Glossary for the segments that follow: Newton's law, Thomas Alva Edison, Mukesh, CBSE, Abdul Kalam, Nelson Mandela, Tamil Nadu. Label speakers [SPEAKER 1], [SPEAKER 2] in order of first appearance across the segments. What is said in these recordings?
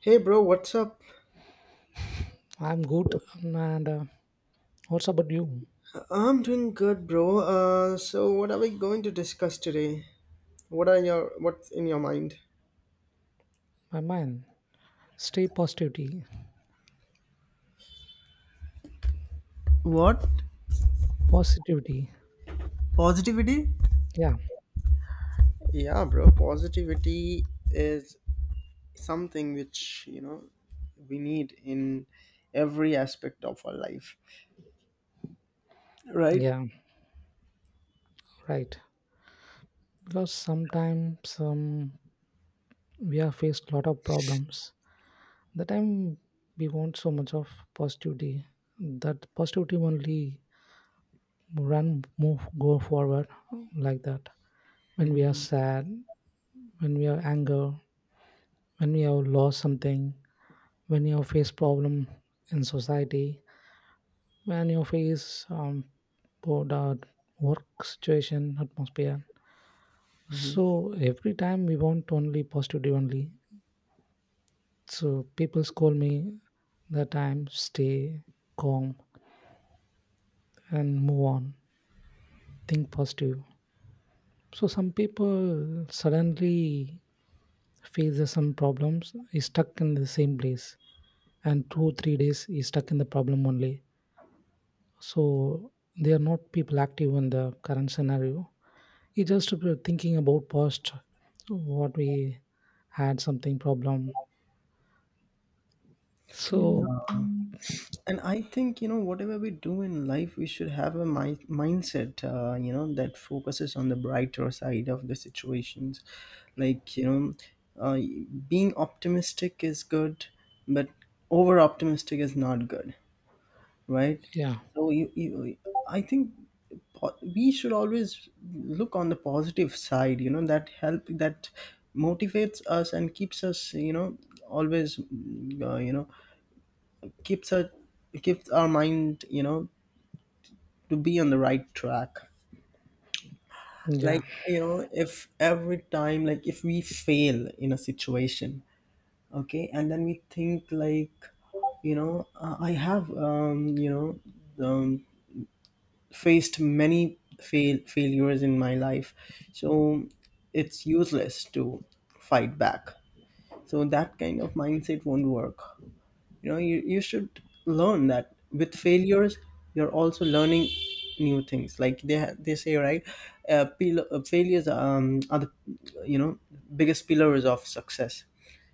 [SPEAKER 1] Hey bro, what's up?
[SPEAKER 2] I'm good. And what's about you,
[SPEAKER 1] I'm doing good, bro. So what are we going to discuss today? What's in your mind?
[SPEAKER 2] my man? Stay positivity.
[SPEAKER 1] What?
[SPEAKER 2] Positivity.
[SPEAKER 1] Positivity?
[SPEAKER 2] Yeah,
[SPEAKER 1] Yeah, bro, positivity is something which, you know, we need in every aspect of our life, right?
[SPEAKER 2] yeah, right. Because sometimes we are faced a lot of problems. The time we want so much of positivity, that positivity only run, move, go forward like that. When we are sad, when we are anger, when we have lost something, when you have faced problem in society, when you face bored or work situation atmosphere, so every time we want only positive only. So people scold me that I'm stay calm and move on, think positive. So some people suddenly faces some problems, is stuck in the same place, and 2, 3 days is stuck in the problem only. So they are not people active in the current scenario. It just thinking about past, what we had something problem. So
[SPEAKER 1] And I think, you know, whatever we do in life we should have a mindset, you know, that focuses on the brighter side of the situations. Like, you know, uh, being optimistic is good, but over optimistic is not good, right?
[SPEAKER 2] yeah,
[SPEAKER 1] So you, I think, we should always look on the positive side, you know, that help, that motivates us and keeps us, you know, always, you know, keeps our keeps our mind, you know, to be on the right track.
[SPEAKER 2] yeah,
[SPEAKER 1] Like, you know, if every time, like if we fail in a situation, okay, and then we think like, you know, I have you know, um, faced many failures in my life, so it's useless to fight back. So that kind of mindset won't work. You know, you should learn that with failures you're also learning new things. Like they they say, right? Failures, are the, you know, biggest pillars of success.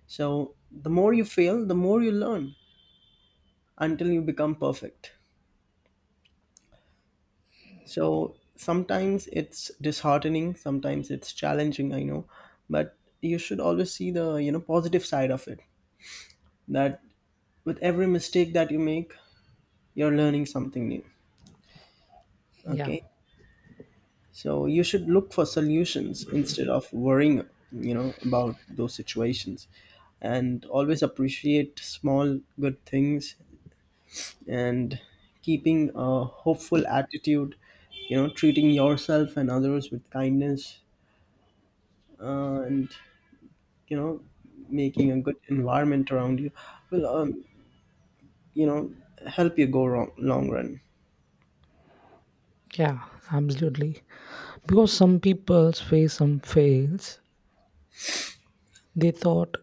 [SPEAKER 1] So the more you fail, the more you learn, until you become perfect. So sometimes it's disheartening, sometimes it's challenging, I know, but you should always see the, you know, positive side of it, that with every mistake that you make you're learning something new.
[SPEAKER 2] yeah,
[SPEAKER 1] Okay. So you should look for solutions instead of worrying, you know, about those situations, and always appreciate small good things and keeping a hopeful attitude. You know, treating yourself and others with kindness, and, you know, making a good environment around you will, you know, help you go wrong long run.
[SPEAKER 2] yeah, absolutely. Because some people face some fails. They thought,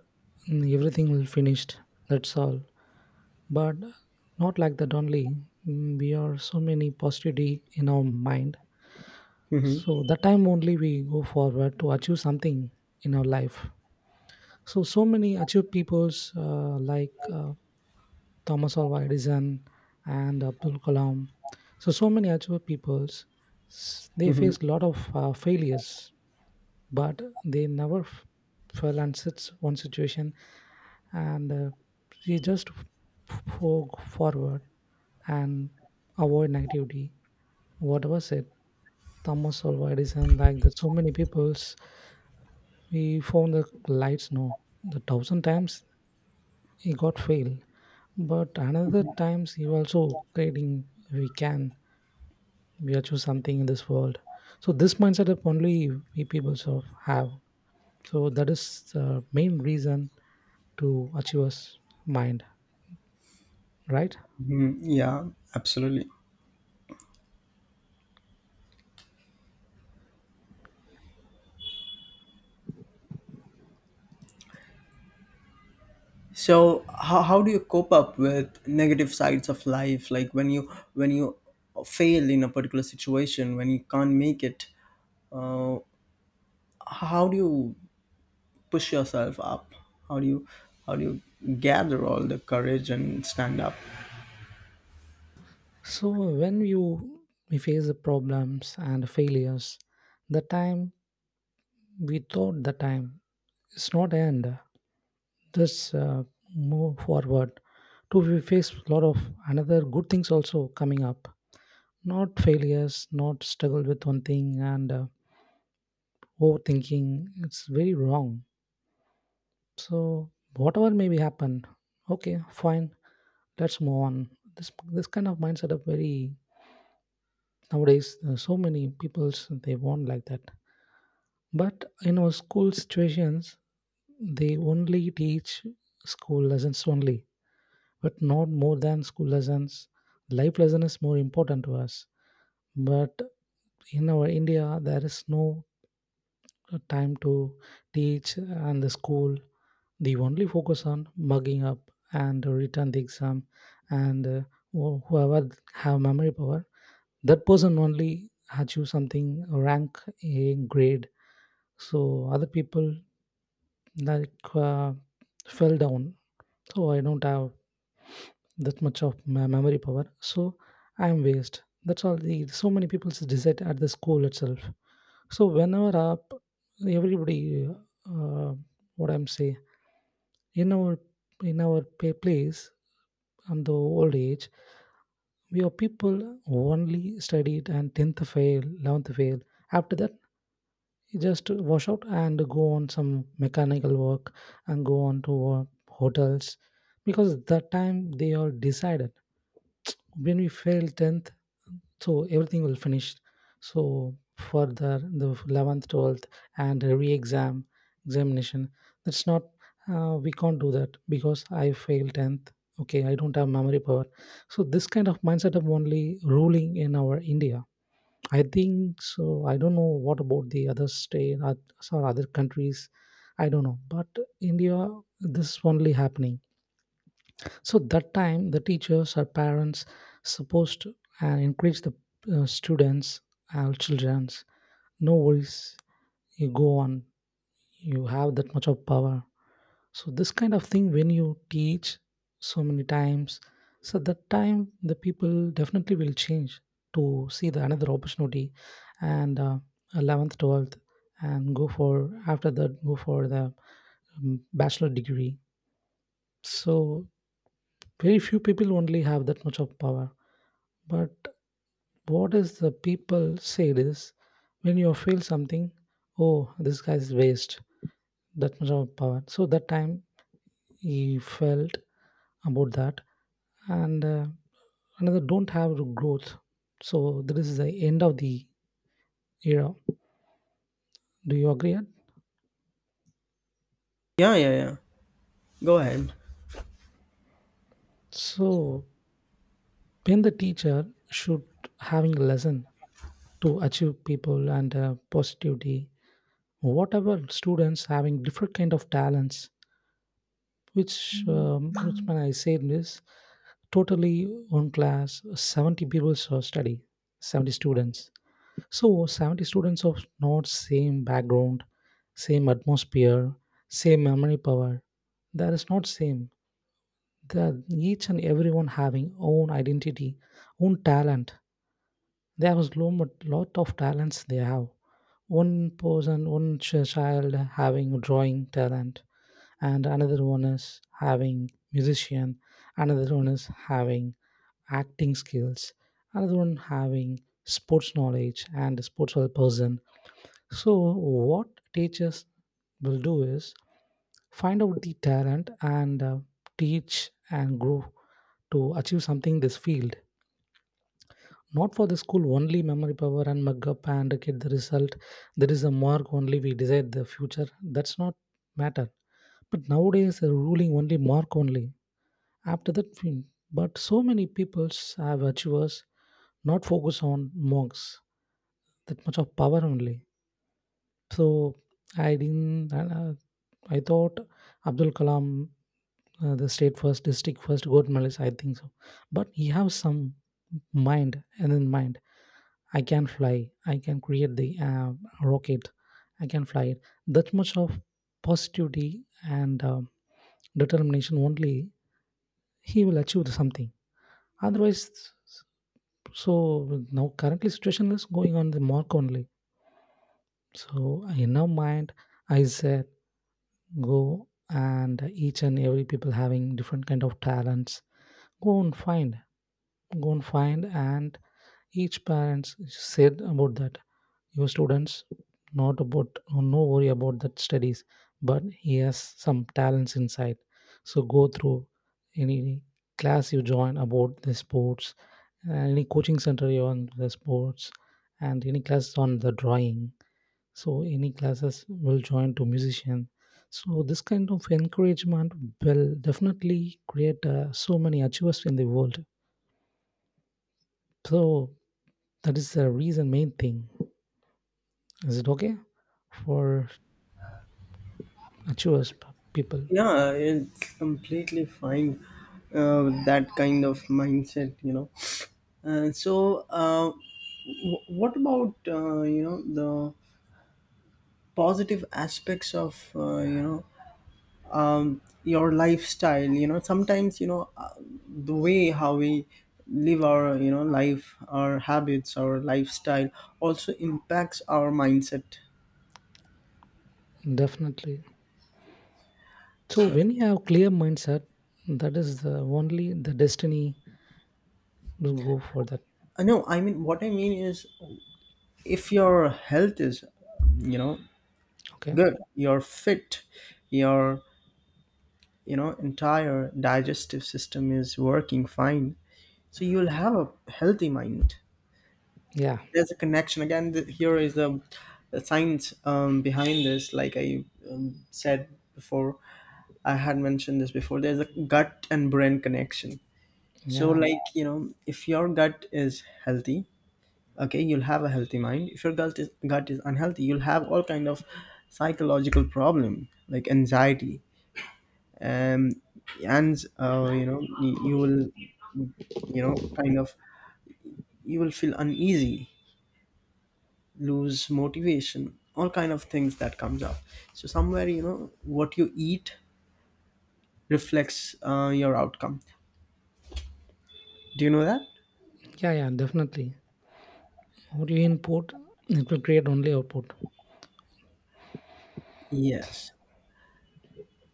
[SPEAKER 2] "Mm, everything will finished. That's all." But not like that only. We are so many positivity in our mind.
[SPEAKER 1] hmm
[SPEAKER 2] So that time only we go forward to achieve something in our life. So so many achieve people's like. Thomas Alva Edison and Abdul Kalam. So, so many actual peoples, they
[SPEAKER 1] hmm
[SPEAKER 2] faced a lot of failures, but they never fell on such one situation, and they just go forward and avoid negativity. What was it? Thomas Alva Edison, like that, so many peoples, we found the lights, no, the thousand times he got fail. But another times you also creating, we can we achieve something in this world. So this mindset of only we people sort of have. So that is the main reason to achiever's mind, right?
[SPEAKER 1] Yeah, absolutely. So how do you cope up with negative sides of life, like when you fail in a particular situation, when you can't make it, uh, how do you push yourself up? How do you, how do you gather all the courage and stand up?
[SPEAKER 2] So when you we face the problems and failures, the time we thought, the time it's not end. This move forward. To we face a lot of another good things also coming up, not failures, not struggle with one thing and overthinking. It's very wrong. So whatever maybe happen, okay, fine, let's move on. This kind of mindset of very nowadays, so many people's they want like that. But in our school situations, they only teach school lessons only, but not more than school lessons. Life lesson is more important to us. But in our India, there is no time to teach and the school. They only focus on mugging up and return the exam, and whoever have memory power, that person only achieve something, rank, a grade. So other people like fell down. So I don't have that much of my memory power, so I am waste, that's all. The so many people decide at the school itself. So whenever up, everybody, uh, what I'm saying, in our in our place, on the old age, we are people who only studied, and 10th fail, 11th fail. After that, you just wash out and go on some mechanical work, and go on to hotels. Because that time they all decided, when we fail 10th, so everything will finish. So further the 11th, 12th, and a re-exam examination, that's not, we can't do that because I failed 10th. Okay, I don't have memory power. So this kind of mindset of only ruling in our India, I think so. I don't know what about the other state or other countries, I don't know. But India, this is only happening. So that time, the teachers or parents supposed to encourage the students, our childrens. No worries, you go on. You have that much of power. So this kind of thing, when you teach so many times, so that time the people definitely will change to see the another opportunity. And 11th, 12th, and go for, after that go for the bachelor degree. So very few people only have that much of power. But what is the people say is, when you feel something, oh, this guy is waste, that much of power. So that time he felt about that. And another don't have growth. So that is the end of the era. Do you agree?
[SPEAKER 1] Yeah, yeah, yeah, go ahead.
[SPEAKER 2] So when the teacher should having a lesson to achieve people and positivity, whatever students having different kind of talents, which when I say this, totally, one class 70 people, so study, 70 students. So 70 students of not same background, same atmosphere, same memory power, that is not same. The, each and everyone having own identity, own talent. There was lot of talents they have. One person, one child having drawing talent, and another one is having musician, another one is having acting skills, another one having sports knowledge and a sports person. So what teachers will do is find out the talent, and teach and grow to achieve something in this field, not for the school only memory power and mug up and get the result. There is a mark only we decide the future, that's not matter. But nowadays, a ruling only mark only. After that, film. But so many peoples have achievers, not focus on marks, that much of power only. So I didn't. I thought Abdul Kalam, the state first, district first, gold medalist, I think so. But he has some mind and in mind, I can fly, I can create the rocket, I can fly it. That much of positivity and determination only, he will achieve something. Otherwise, so now currently situation is going on the mark only. So in our mind, I said, go and each and every people having different kind of talents, go and find, go and find. And each parents said about that, your students, not about, no worry about that studies, but he has some talents inside. So go through any class, you join about the sports, any coaching center you on the sports, and any class on the drawing, so any classes will join to musician. So this kind of encouragement will definitely create so many achievers in the world. So that is the reason, main thing. Is it okay for achievers people?
[SPEAKER 1] Yeah, it's completely fine, that kind of mindset, you know. uh, so uh, what about, you know, positive aspects of, you know, your lifestyle? You know, sometimes, you know, the way how we live our, you know, life, our habits, our lifestyle also impacts our mindset,
[SPEAKER 2] Definitely. So
[SPEAKER 1] so.
[SPEAKER 2] when you have clear mindset, that is the only the destiny will go for that.
[SPEAKER 1] I know, I mean, what I mean is, if your health is, you know,
[SPEAKER 2] Okay.
[SPEAKER 1] good, you're fit, your, you know, entire digestive system is working fine, so you'll have a healthy mind.
[SPEAKER 2] Yeah,
[SPEAKER 1] There's a connection again. Here is the science, behind this, like I, said before, I had mentioned this before, there's a gut and brain connection. So,
[SPEAKER 2] yeah,
[SPEAKER 1] like, you know, if your gut is healthy, okay, you'll have a healthy mind. If your gut is unhealthy, you'll have all kind of psychological problem, like anxiety, um, and you know, you will, you know, kind of, you will feel uneasy, lose motivation, all kind of things that comes up. So somewhere, you know, what you eat reflects, your outcome. Do you know that?
[SPEAKER 2] yeah. Yeah, definitely. What you input, it will create only output.
[SPEAKER 1] Yes.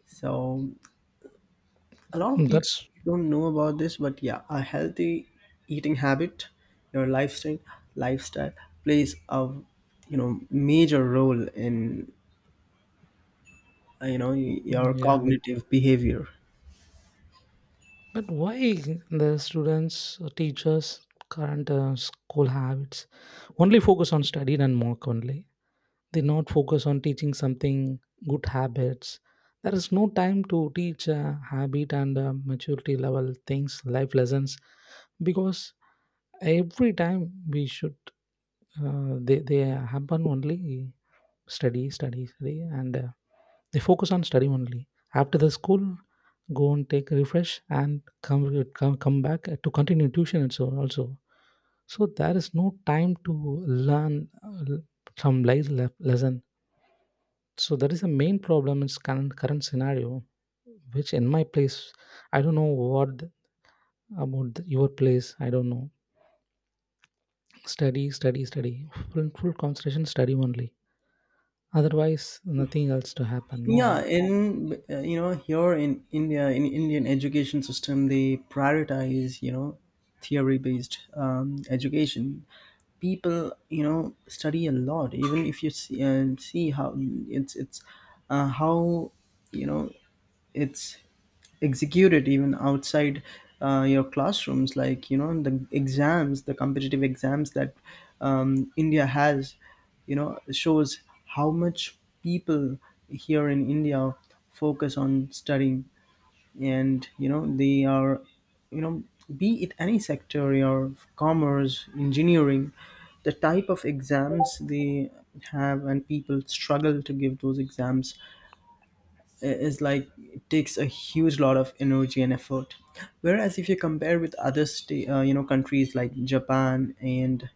[SPEAKER 1] So a lot of people
[SPEAKER 2] That's,
[SPEAKER 1] don't know about this, but yeah, a healthy eating habit, your lifestyle plays a, you know, major role in, you know, your
[SPEAKER 2] yeah.
[SPEAKER 1] cognitive behavior.
[SPEAKER 2] But why the students, teachers, current school habits only focus on study and work only? They not focus on teaching something good habits. There is no time to teach habit and maturity level things, life lessons, because every time we should they happen only, study, study, study. And they focus on study only. After the school, go and take a refresh, and come back to continue tuition and so also. So there is no time to learn some life lesson. So that is the main problem in current scenario. Which in my place, I don't know about your place, I don't know. Study, study, study. Full, full concentration, study only. Otherwise, nothing else to happen, no.
[SPEAKER 1] Yeah, in, you know, here in india, in indian education system, they prioritize, you know, theory based, education. People, you know, study a lot. Even if you see, see how it's how, you know, it's execute it, even outside, your classrooms, like, you know, the exams, the competitive exams that, india has, you know, shows how much people here in india focus on studying. And, you know, they are, you know, be it any sector, your commerce, engineering, the type of exams they have, and people struggle to give those exams, is like, it takes a huge lot of energy and effort. Whereas if you compare with other you know, countries like japan and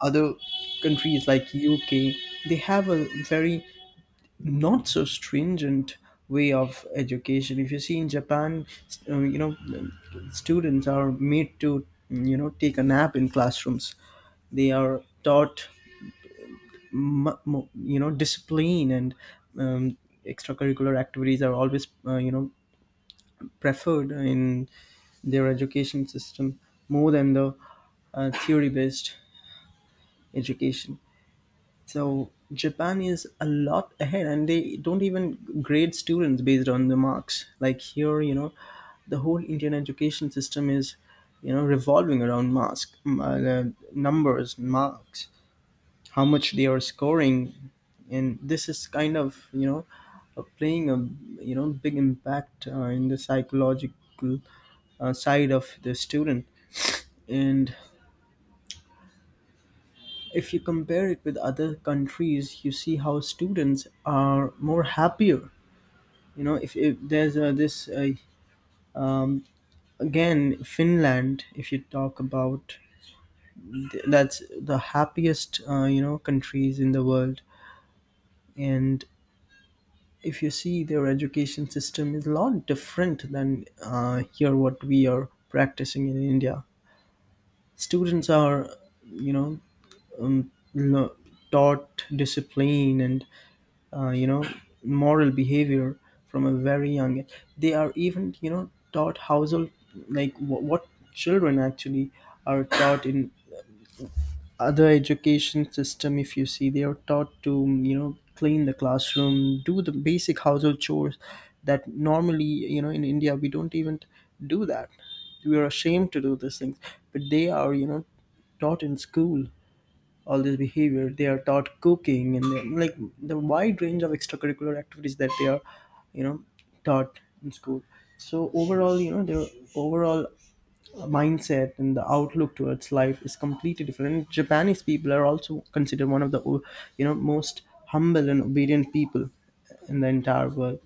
[SPEAKER 1] other countries like uk, they have a very not so stringent way of education. If you see, in japan, you know, students are made to, you know, take a nap in classrooms. They are taught you know, discipline and, um, extracurricular activities are always, you know, preferred in their education system, more than the, theory based education. So Japan is a lot ahead, and they don't even grade students based on the marks. Like here, you know, the whole Indian education system is, you know, revolving around marks, numbers, marks, how much they are scoring, and this is kind of, you know, playing a, you know, big impact, in the psychological, side of the student. And if you compare it with other countries, you see how students are more happier. You know, if there's, this um, again, finland, if you talk about, that's the happiest, you know, countries in the world. And if you see, their education system is a lot different than, here what we are practicing in india. Students are, you know, um, lo- taught discipline and, you know, moral behavior from a very young age. They are even, you know, taught household, like what children actually are taught in other education system. If you see, they are taught to, you know, clean the classroom, do the basic household chores that normally, you know, in India we don't even do that. We are ashamed to do these things, but they are, you know, taught in school all this behavior. They are taught cooking, and then, like, the wide range of extracurricular activities that they are, you know, taught in school. So overall, you know, their overall mindset and the outlook towards life is completely different. Japanese people are also considered one of the, you know, most humble and obedient people in the entire world.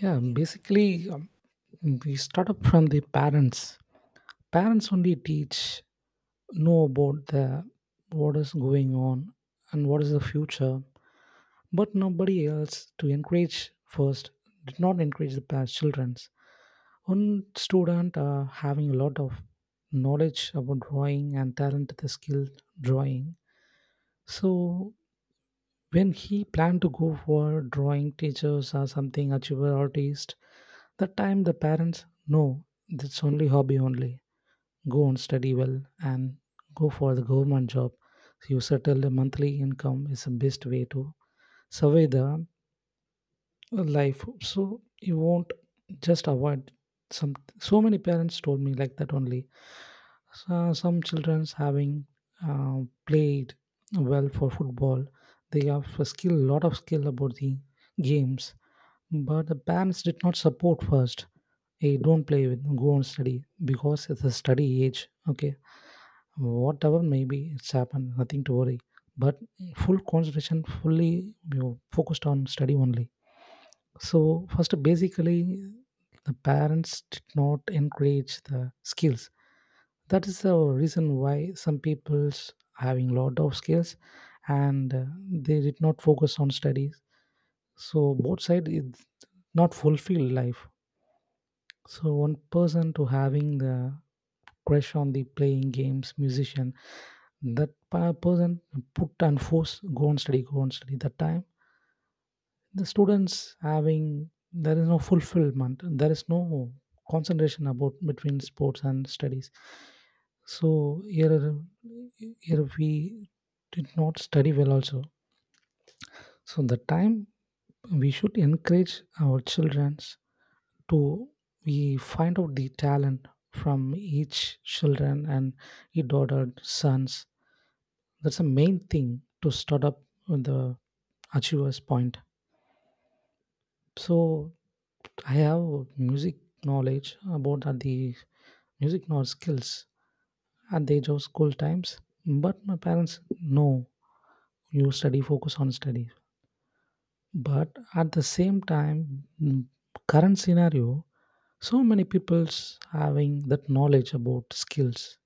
[SPEAKER 2] Yeah, basically, we start up from the parents. Parents only teach, know about the, what is going on, and what is the future. But nobody else to encourage first, did not encourage the parents children's. One student having a lot of knowledge about drawing and talent, the skill, drawing. So when he planned to go for drawing teachers or something, achiever artist, that time the parents, no, that's only hobby only, go on study well and go for the government job, you settle, the monthly income is the best way to survey the life. So you won't, just avoid some. So many parents told me like that only. So some children's having uh, played well for football, they have a skill, lot of skill about the games, but the parents did not support. First, hey, don't play with, go on study, because it's a study age. Okay, whatever maybe it's happened, nothing to worry, but full concentration, fully, focused on study only. So first, basically, the parents did not encourage the skills. That is the reason why some people's having lot of skills, and they did not focus on studies. So both side is not fulfilled life. So one person to having the crush on the playing games, musician, that person, put and force, go and study, go and study, that time the students having, there is no fulfillment, there is no concentration about between sports and studies. So here we did not study well also. So the time we should encourage our childrens to, we find out the talent from each children and each daughter sons. That's the main thing to start up with the achiever's point. So I have music knowledge about, at the music knowledge skills at the age of school times. But my parents Know, you study, focus on study. But at the same time, mm, current scenario, so many people's having that knowledge about skills.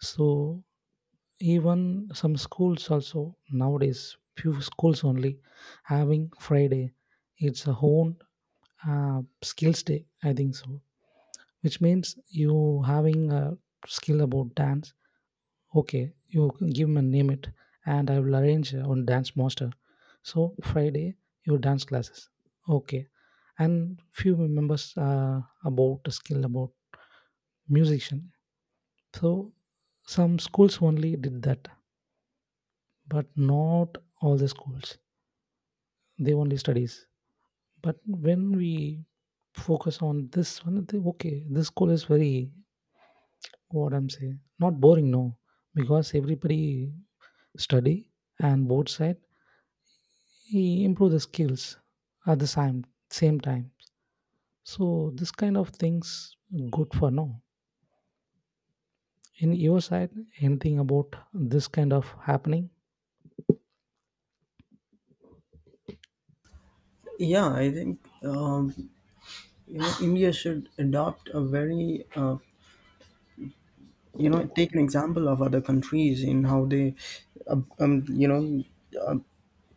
[SPEAKER 2] So even some schools also nowadays, few schools only, having friday, it's a own skills day I think so. Which means you having a skill about dance. Okay, you can give me name it and I will arrange on dance master. So friday your dance classes, okay. And few members about the skill about musician. So some schools only did that, but not all the schools. They only studies. But when we focus on this one, they, okay, this school is very, what I'm saying, not boring, no. Because everybody study and both side he improve the skills at the same time. So this kind of things good for now. In your side anything about this kind of happening?
[SPEAKER 1] Yeah, I think, you know, india should adopt a very, you know, take an example of other countries in how they, uh, um, you know uh,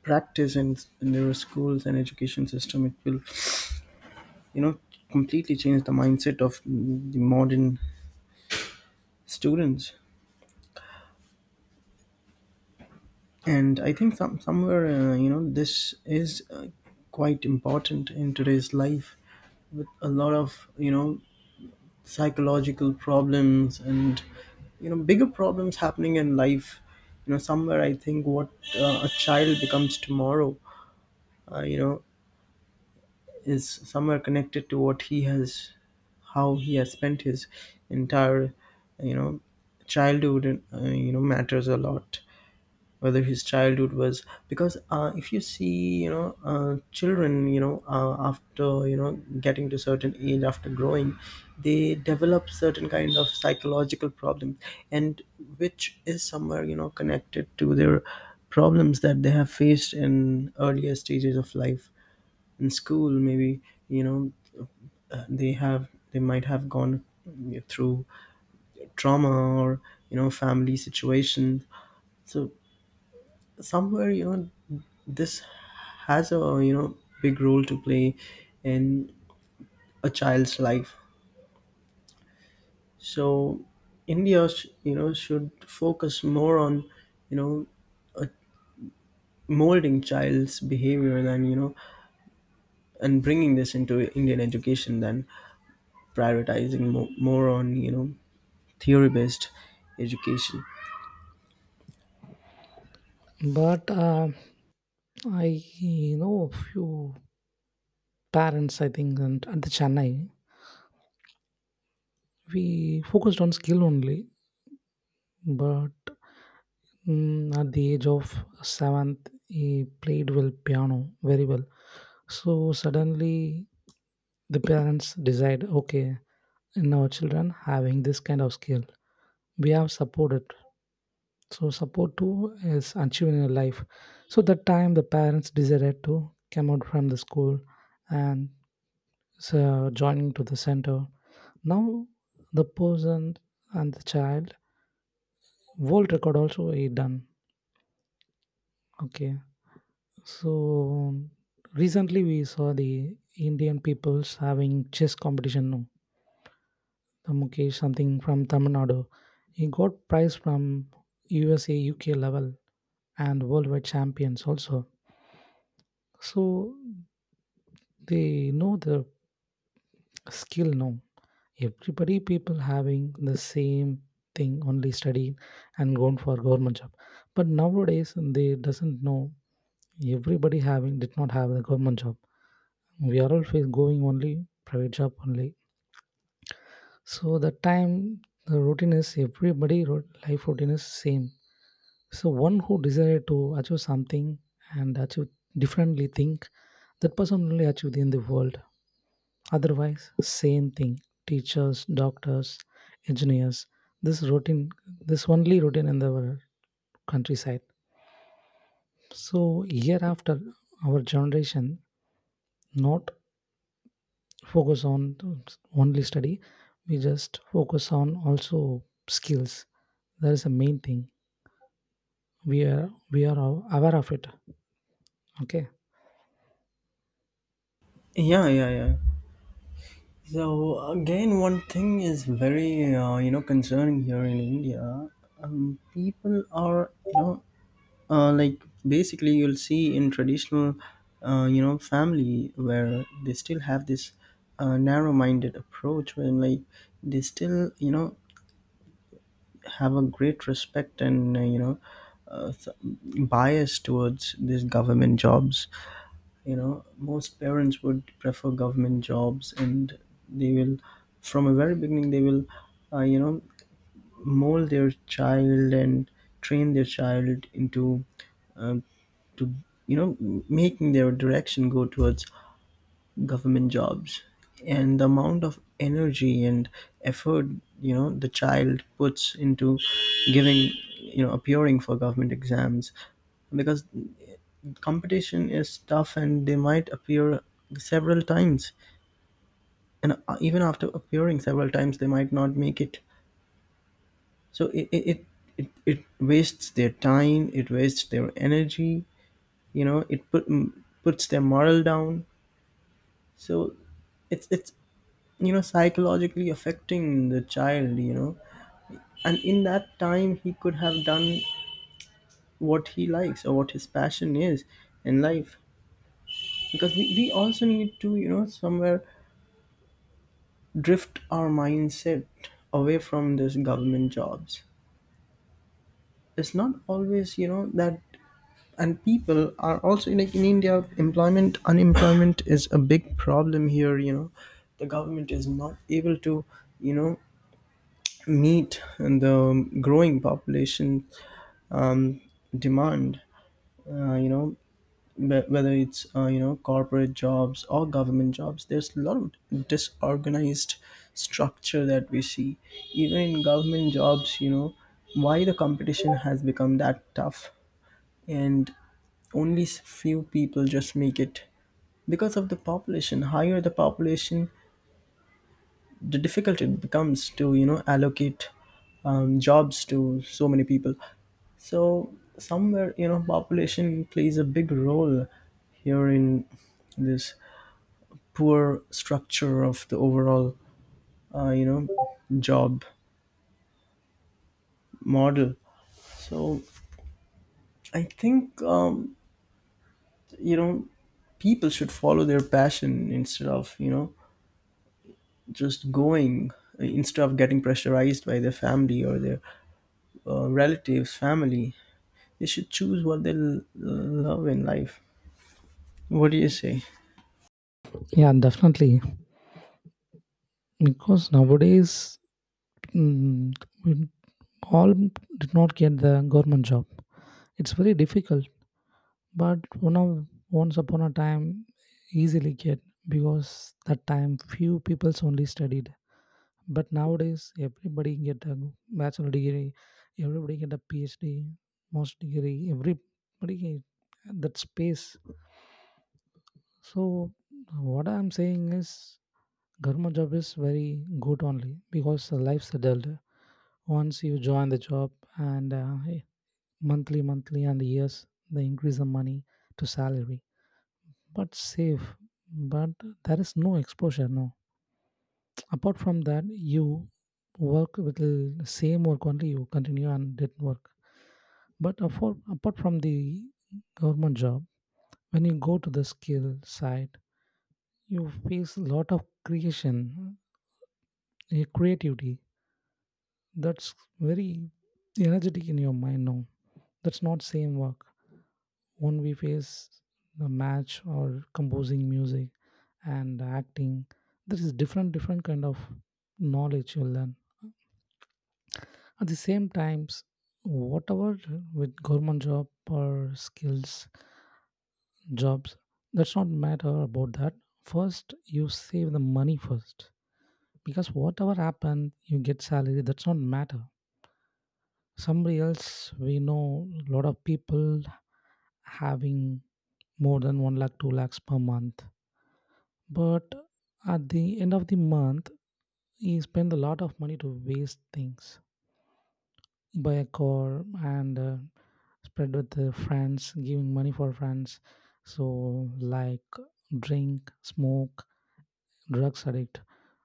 [SPEAKER 1] practice in their schools and education system. It will, you know, completely change the mindset of the modern students. And I think some, somewhere, you know, this is, quite important in today's life, with a lot of, you know, psychological problems and, you know, bigger problems happening in life. You know, somewhere I think what, a child becomes tomorrow, you know, is somewhere connected to what he has, how he has spent his entire, you know, childhood. And, you know, matters a lot, whether his childhood was, because, if you see, you know, children, you know, after, you know, getting to certain age, after growing, they develop certain kind of psychological problems. And which is somewhere, you know, connected to their problems that they have faced in earlier stages of life. In school, maybe, you know, they have, they might have gone through trauma, or, you know, family situations. So somewhere, you know, this has a, you know, big role to play in a child's life. So india you know, should focus more on, you know, molding child's behavior than, you know, and bringing this into indian education, than prioritizing more on, you know, theory based education.
[SPEAKER 2] But I know few parents I think, and at the chennai we focused on skill only. But at the age of seventh he played well piano very well. So suddenly the parents decide, okay, in our children having this kind of skill, we have supported. So support too is achieving in life. So that time the parents decided to come out from the school, and so joining to the center. Now the person and the child, world record also he done. Okay, so recently we saw the Indian peoples having chess competition, no, the Mukesh something from Tamil Nadu. He got prize from USA, UK level and worldwide champions also. So they know the skill, no, everybody people having the same thing, only study and going for government job. But nowadays they doesn't know, everybody having did not have the government job. We are all face going only private job only. So the time the routine is everybody life routine is same. So one who desire to achieve something and achieve differently think, that person only achieve in the world. Otherwise same thing, teachers, doctors, engineers, this routine, this only routine in the countryside. So year after our generation not focus on only study, we just focus on also skills. That is the main thing, we are, aware of it, okay.
[SPEAKER 1] Yeah, yeah, yeah. So again, one thing is very, you know, concerning here in India. People are like, basically you'll see in traditional family, where they still have this narrow-minded approach, when, like, they still have a great respect and bias towards these government jobs. Most parents would prefer government jobs, and they will, from a very beginning they will, uh, you know mold their child and train their child into, um, to, you know making their direction go towards government jobs. And the amount of energy and effort, the child puts into giving, appearing for government exams, because competition is tough, and they might appear several times, and even after appearing several times they might not make it. So it wastes their time, it wastes their energy, you know it put, puts their morale down. So it's psychologically affecting the child, and in that time he could have done what he likes or what his passion is in life, because we also need to somewhere drift our mindset away from this government jobs. It's not always that. And people are also, like, in India, employment, unemployment is a big problem here. The government is not able to you know meet the growing population um, demand. Uh, you know, whether it's corporate jobs or government jobs, there's a lot of disorganized structure that we see. Even in government jobs, why the competition has become that tough, and few people just make it, because of the population. Higher the population, the difficult it becomes to allocate jobs to so many people. So somewhere, population plays a big role here in this poor structure of the overall uh, you know job model. So I think, you know people should follow their passion, instead of just going, instead of getting pressurized by their family or their relatives, family. They should choose what they love in life. What do you say?
[SPEAKER 2] Yeah, definitely. Because nowadays, mm, we all did not get the government job, it's very difficult. But one of, once upon a time, easily get. Because that time few peoples only studied. But nowadays, everybody get a bachelor degree, everybody get a PhD, most degree, everybody get that space. So what I'm saying is, government job is very good only because the life settled. Once you join the job, and monthly, monthly and years, they increase the money to salary. But safe, but there is no exposure, no. Apart from that, you work with the same work only, you continue and did work. But apart from the government job, when you go to the skill side, you face a lot of creation, eh, creativity. That's very energetic in your mind now. That's not same work. When we face the match or composing music and acting, there is different different kind of knowledge you learn. At the same times, whatever with government job or skills jobs, that's not matter about that. First, you save the money first, because whatever happen, you get salary. That's not matter. Somebody else, we know a lot of people having more than one lakh, two lakhs per month, but at the end of the month, he spend a lot of money to waste things, buy a car and. Spread with the friends, giving money for friends. So like drink, smoke, drugs addict.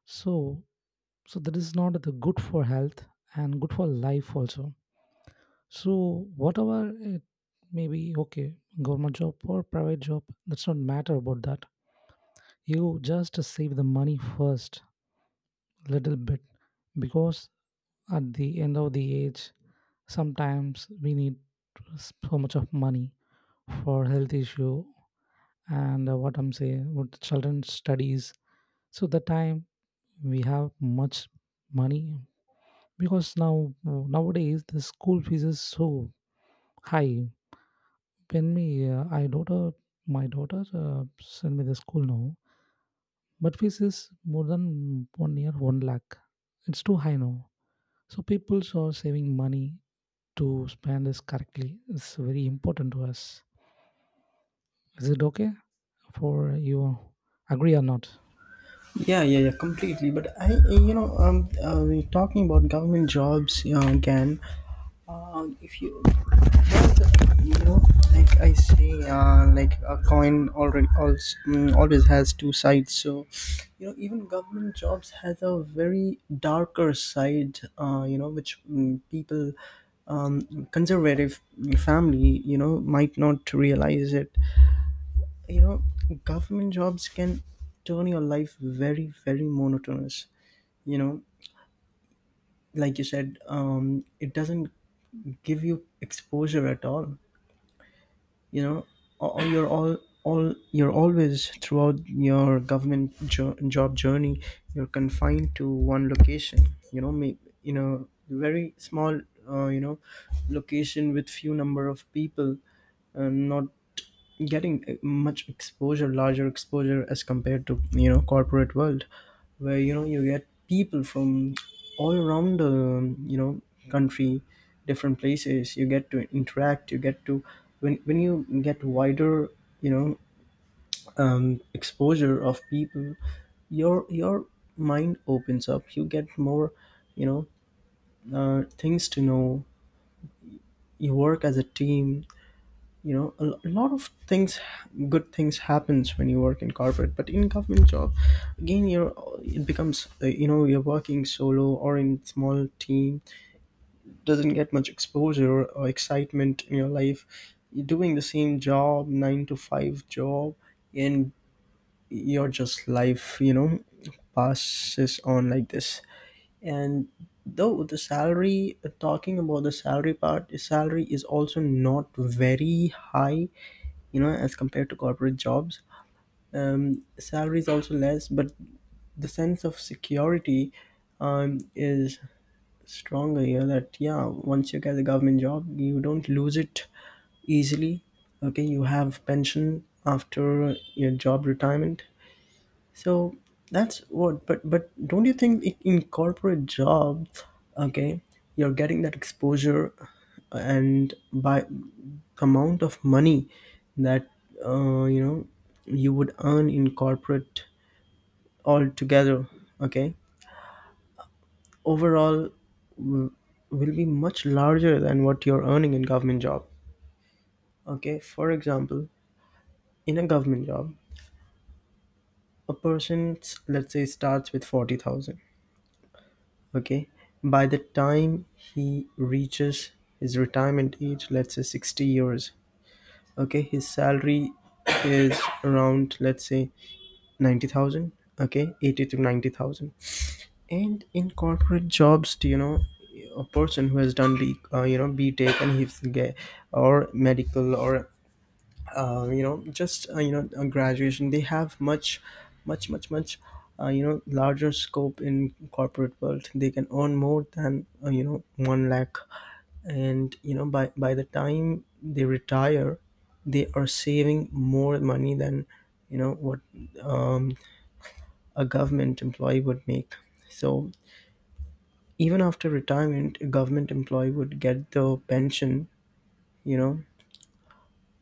[SPEAKER 2] So so that is not the good for health and good for life also. So whatever it may be, okay, government job or private job, that's not matter about that. You just save the money first, little bit, because at the end of the age, sometimes we need so much of money for health issue and what I'm saying, what the children studies. So the time we have much money, because now nowadays the school fees is so high. When me, I daughter, my daughter send me the school now, but fees is more than one year one lakh. It's too high now. So people are saving money to spend this correctly. It's very important to us. Is it okay for you? Agree or not?
[SPEAKER 1] Yeah, yeah, yeah, completely. But we're talking about government jobs, again. If you have, like I say, like a coin already also, always has two sides. So, even government jobs has a very darker side. Which people, conservative family, might not realize it. You know government jobs can turn your life very, very monotonous. You know like you said, it doesn't give you exposure at all. You know or or you're all you're always, throughout your government job journey, you're confined to one location, may, very small, uh, you know location with few number of people, and not getting much exposure, larger exposure, as compared to corporate world, where you get people from all around the country, different places, you get to interact, you get to, when you get wider you know exposure of people, your mind opens up, you get more you know things to know, you work as a team, a lot of things, good things happens when you work in corporate. But in government job, again, you're it becomes you're working solo or in small team, doesn't get much exposure or excitement in your life, you're doing the same job, 9 to 5 job. And your just life, passes on like this. And though the salary talking about the salary part, the salary is also not very high, as compared to corporate jobs. Salary is also less, but the sense of security, is stronger here, that, yeah, once you get a government job you don't lose it easily. Okay, you have pension after your job retirement. So that's what, but don't you think, in corporate jobs, okay, you're getting that exposure, and by amount of money that uh, you know you would earn in corporate altogether, okay, overall, w- will be much larger than what you're earning in government job. Okay, for example, in a government job, a person, let's say, starts with 40,000. Okay. By the time he reaches his retirement age, let's say 60 years, okay, his salary is around, let's say, 90,000, okay, 80 to 90,000. And in corporate jobs, do you know, a person who has done, BTEC and he's gay, or medical, or just a graduation, they have much, much, much, much larger scope in corporate world, they can earn more than 1 lakh. And by the time they retire, they are saving more money than what um, a government employee would make. So even after retirement a government employee would get the pension, you know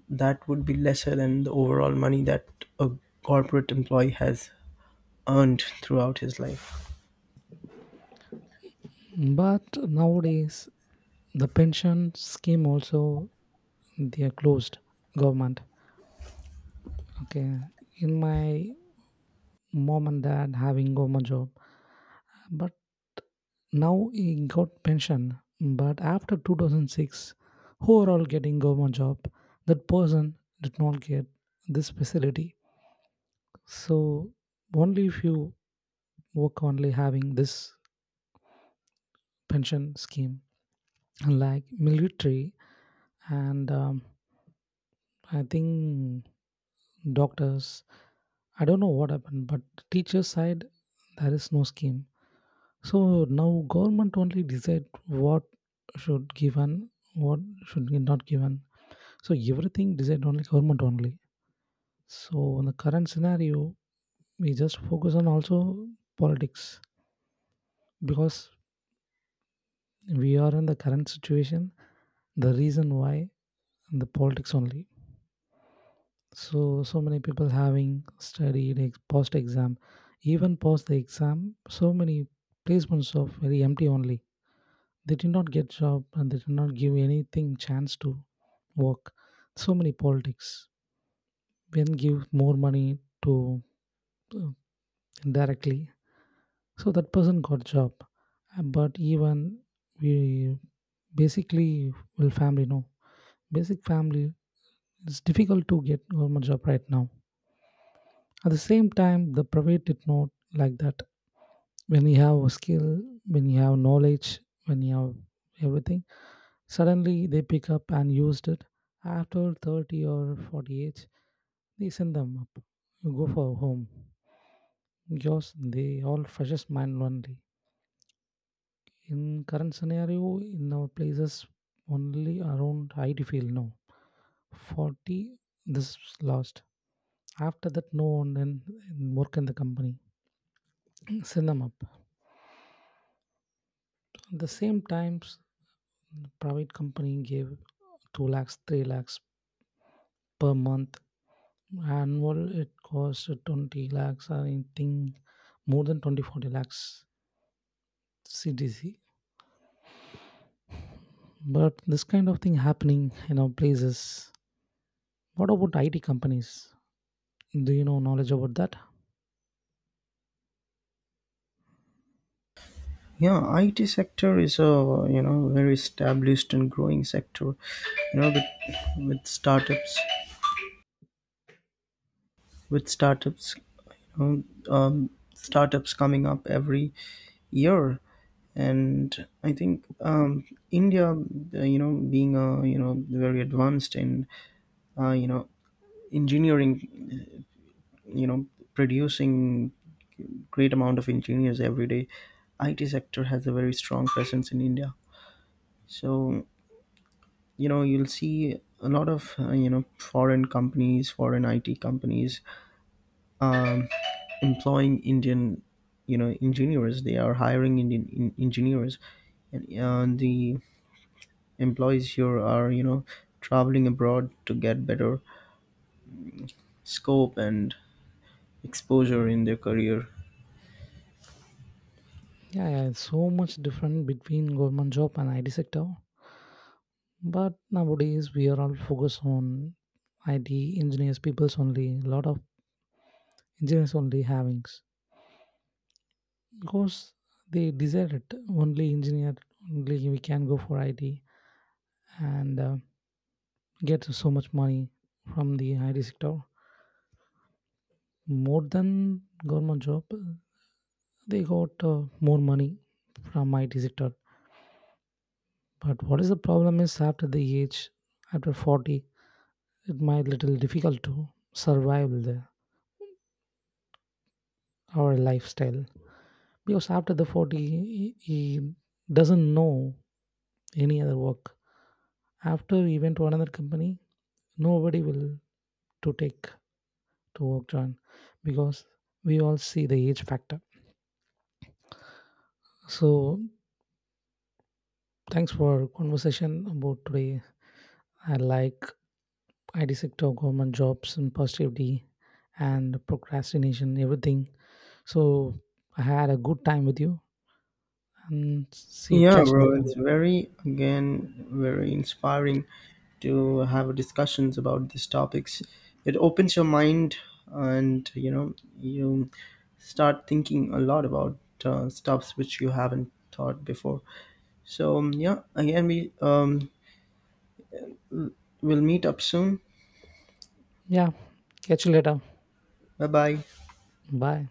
[SPEAKER 1] That would be lesser than the overall money that a corporate employee has earned throughout his life.
[SPEAKER 2] But nowadays the pension scheme also they are closed, government. Okay, in my mom and dad having government job, but now he got pension. But after 2006 overall getting government job, that person did not get this facility. So only if you work only having this pension scheme, like military and I think doctors. I don't know what happened, but teacher side there is no scheme. So now government only decide what should given, what should be not given. So everything decide only government only. So in the current scenario, we just focus on also politics, because we are in the current situation. The reason why, the politics only. So so many people having studied post exam, even post the exam, so many placements of very empty only, they did not get job and they did not give anything chance to work. So many politics, when give more money to uh, indirectly, so that person got job. But even we basically will family, no, basic family, it's difficult to get government job right now. At the same time, the private did not like that. When you have a skill, when you have knowledge, when you have everything, suddenly they pick up and used it. After 30 or 40 age, they send them up. You go for home. Because they all freshest mind only. In current scenario, in our places, only around IT field now. 40, this is lost. After that, no one then work in the company. Send them up. At the same times private company gave 2 lakhs 3 lakhs per month, annual it costs 20 lakhs I think, more than 20-40 lakhs CDC. But this kind of thing happening in our places. What about IT companies, do you know knowledge about that?
[SPEAKER 1] Yeah, IT sector is a very established and growing sector, with, with startups with startups, startups coming up every year. And I think, um, India, being a very advanced in uh, you know engineering, you know producing great amount of engineers every day. IT sector has a very strong presence in India. So, you'll see a lot of, foreign companies, foreign IT companies, um, employing Indian, engineers. They are hiring Indian engineers. And the employees here are, traveling abroad to get better scope and exposure in their career.
[SPEAKER 2] Yeah, yeah, it's so much different between government job and IT sector. But nowadays we are all focused on IT. Engineers people's only, a lot of engineers only havings, because they desire it. Only engineer only we can go for IT, and get so much money from the IT sector, more than government job. They got more money from IT sector. But what is the problem is, after the age after 40, it might little difficult to survive the, our lifestyle. Because after the 40, he doesn't know any other work. After he went to another company, nobody will to take to work on, because we all see the age factor. So thanks for conversation about today. I like IT sector, government jobs, and positivity and procrastination, everything. So I had a good time with you and see you,
[SPEAKER 1] Yeah,
[SPEAKER 2] catch you
[SPEAKER 1] bro,
[SPEAKER 2] later.
[SPEAKER 1] it's very, again, very inspiring to have discussions about these topics. It opens your mind, and you start thinking a lot about stuffs which you haven't thought before. So, yeah, again, we, will meet up soon.
[SPEAKER 2] Yeah, catch you later.
[SPEAKER 1] Bye bye.
[SPEAKER 2] Bye.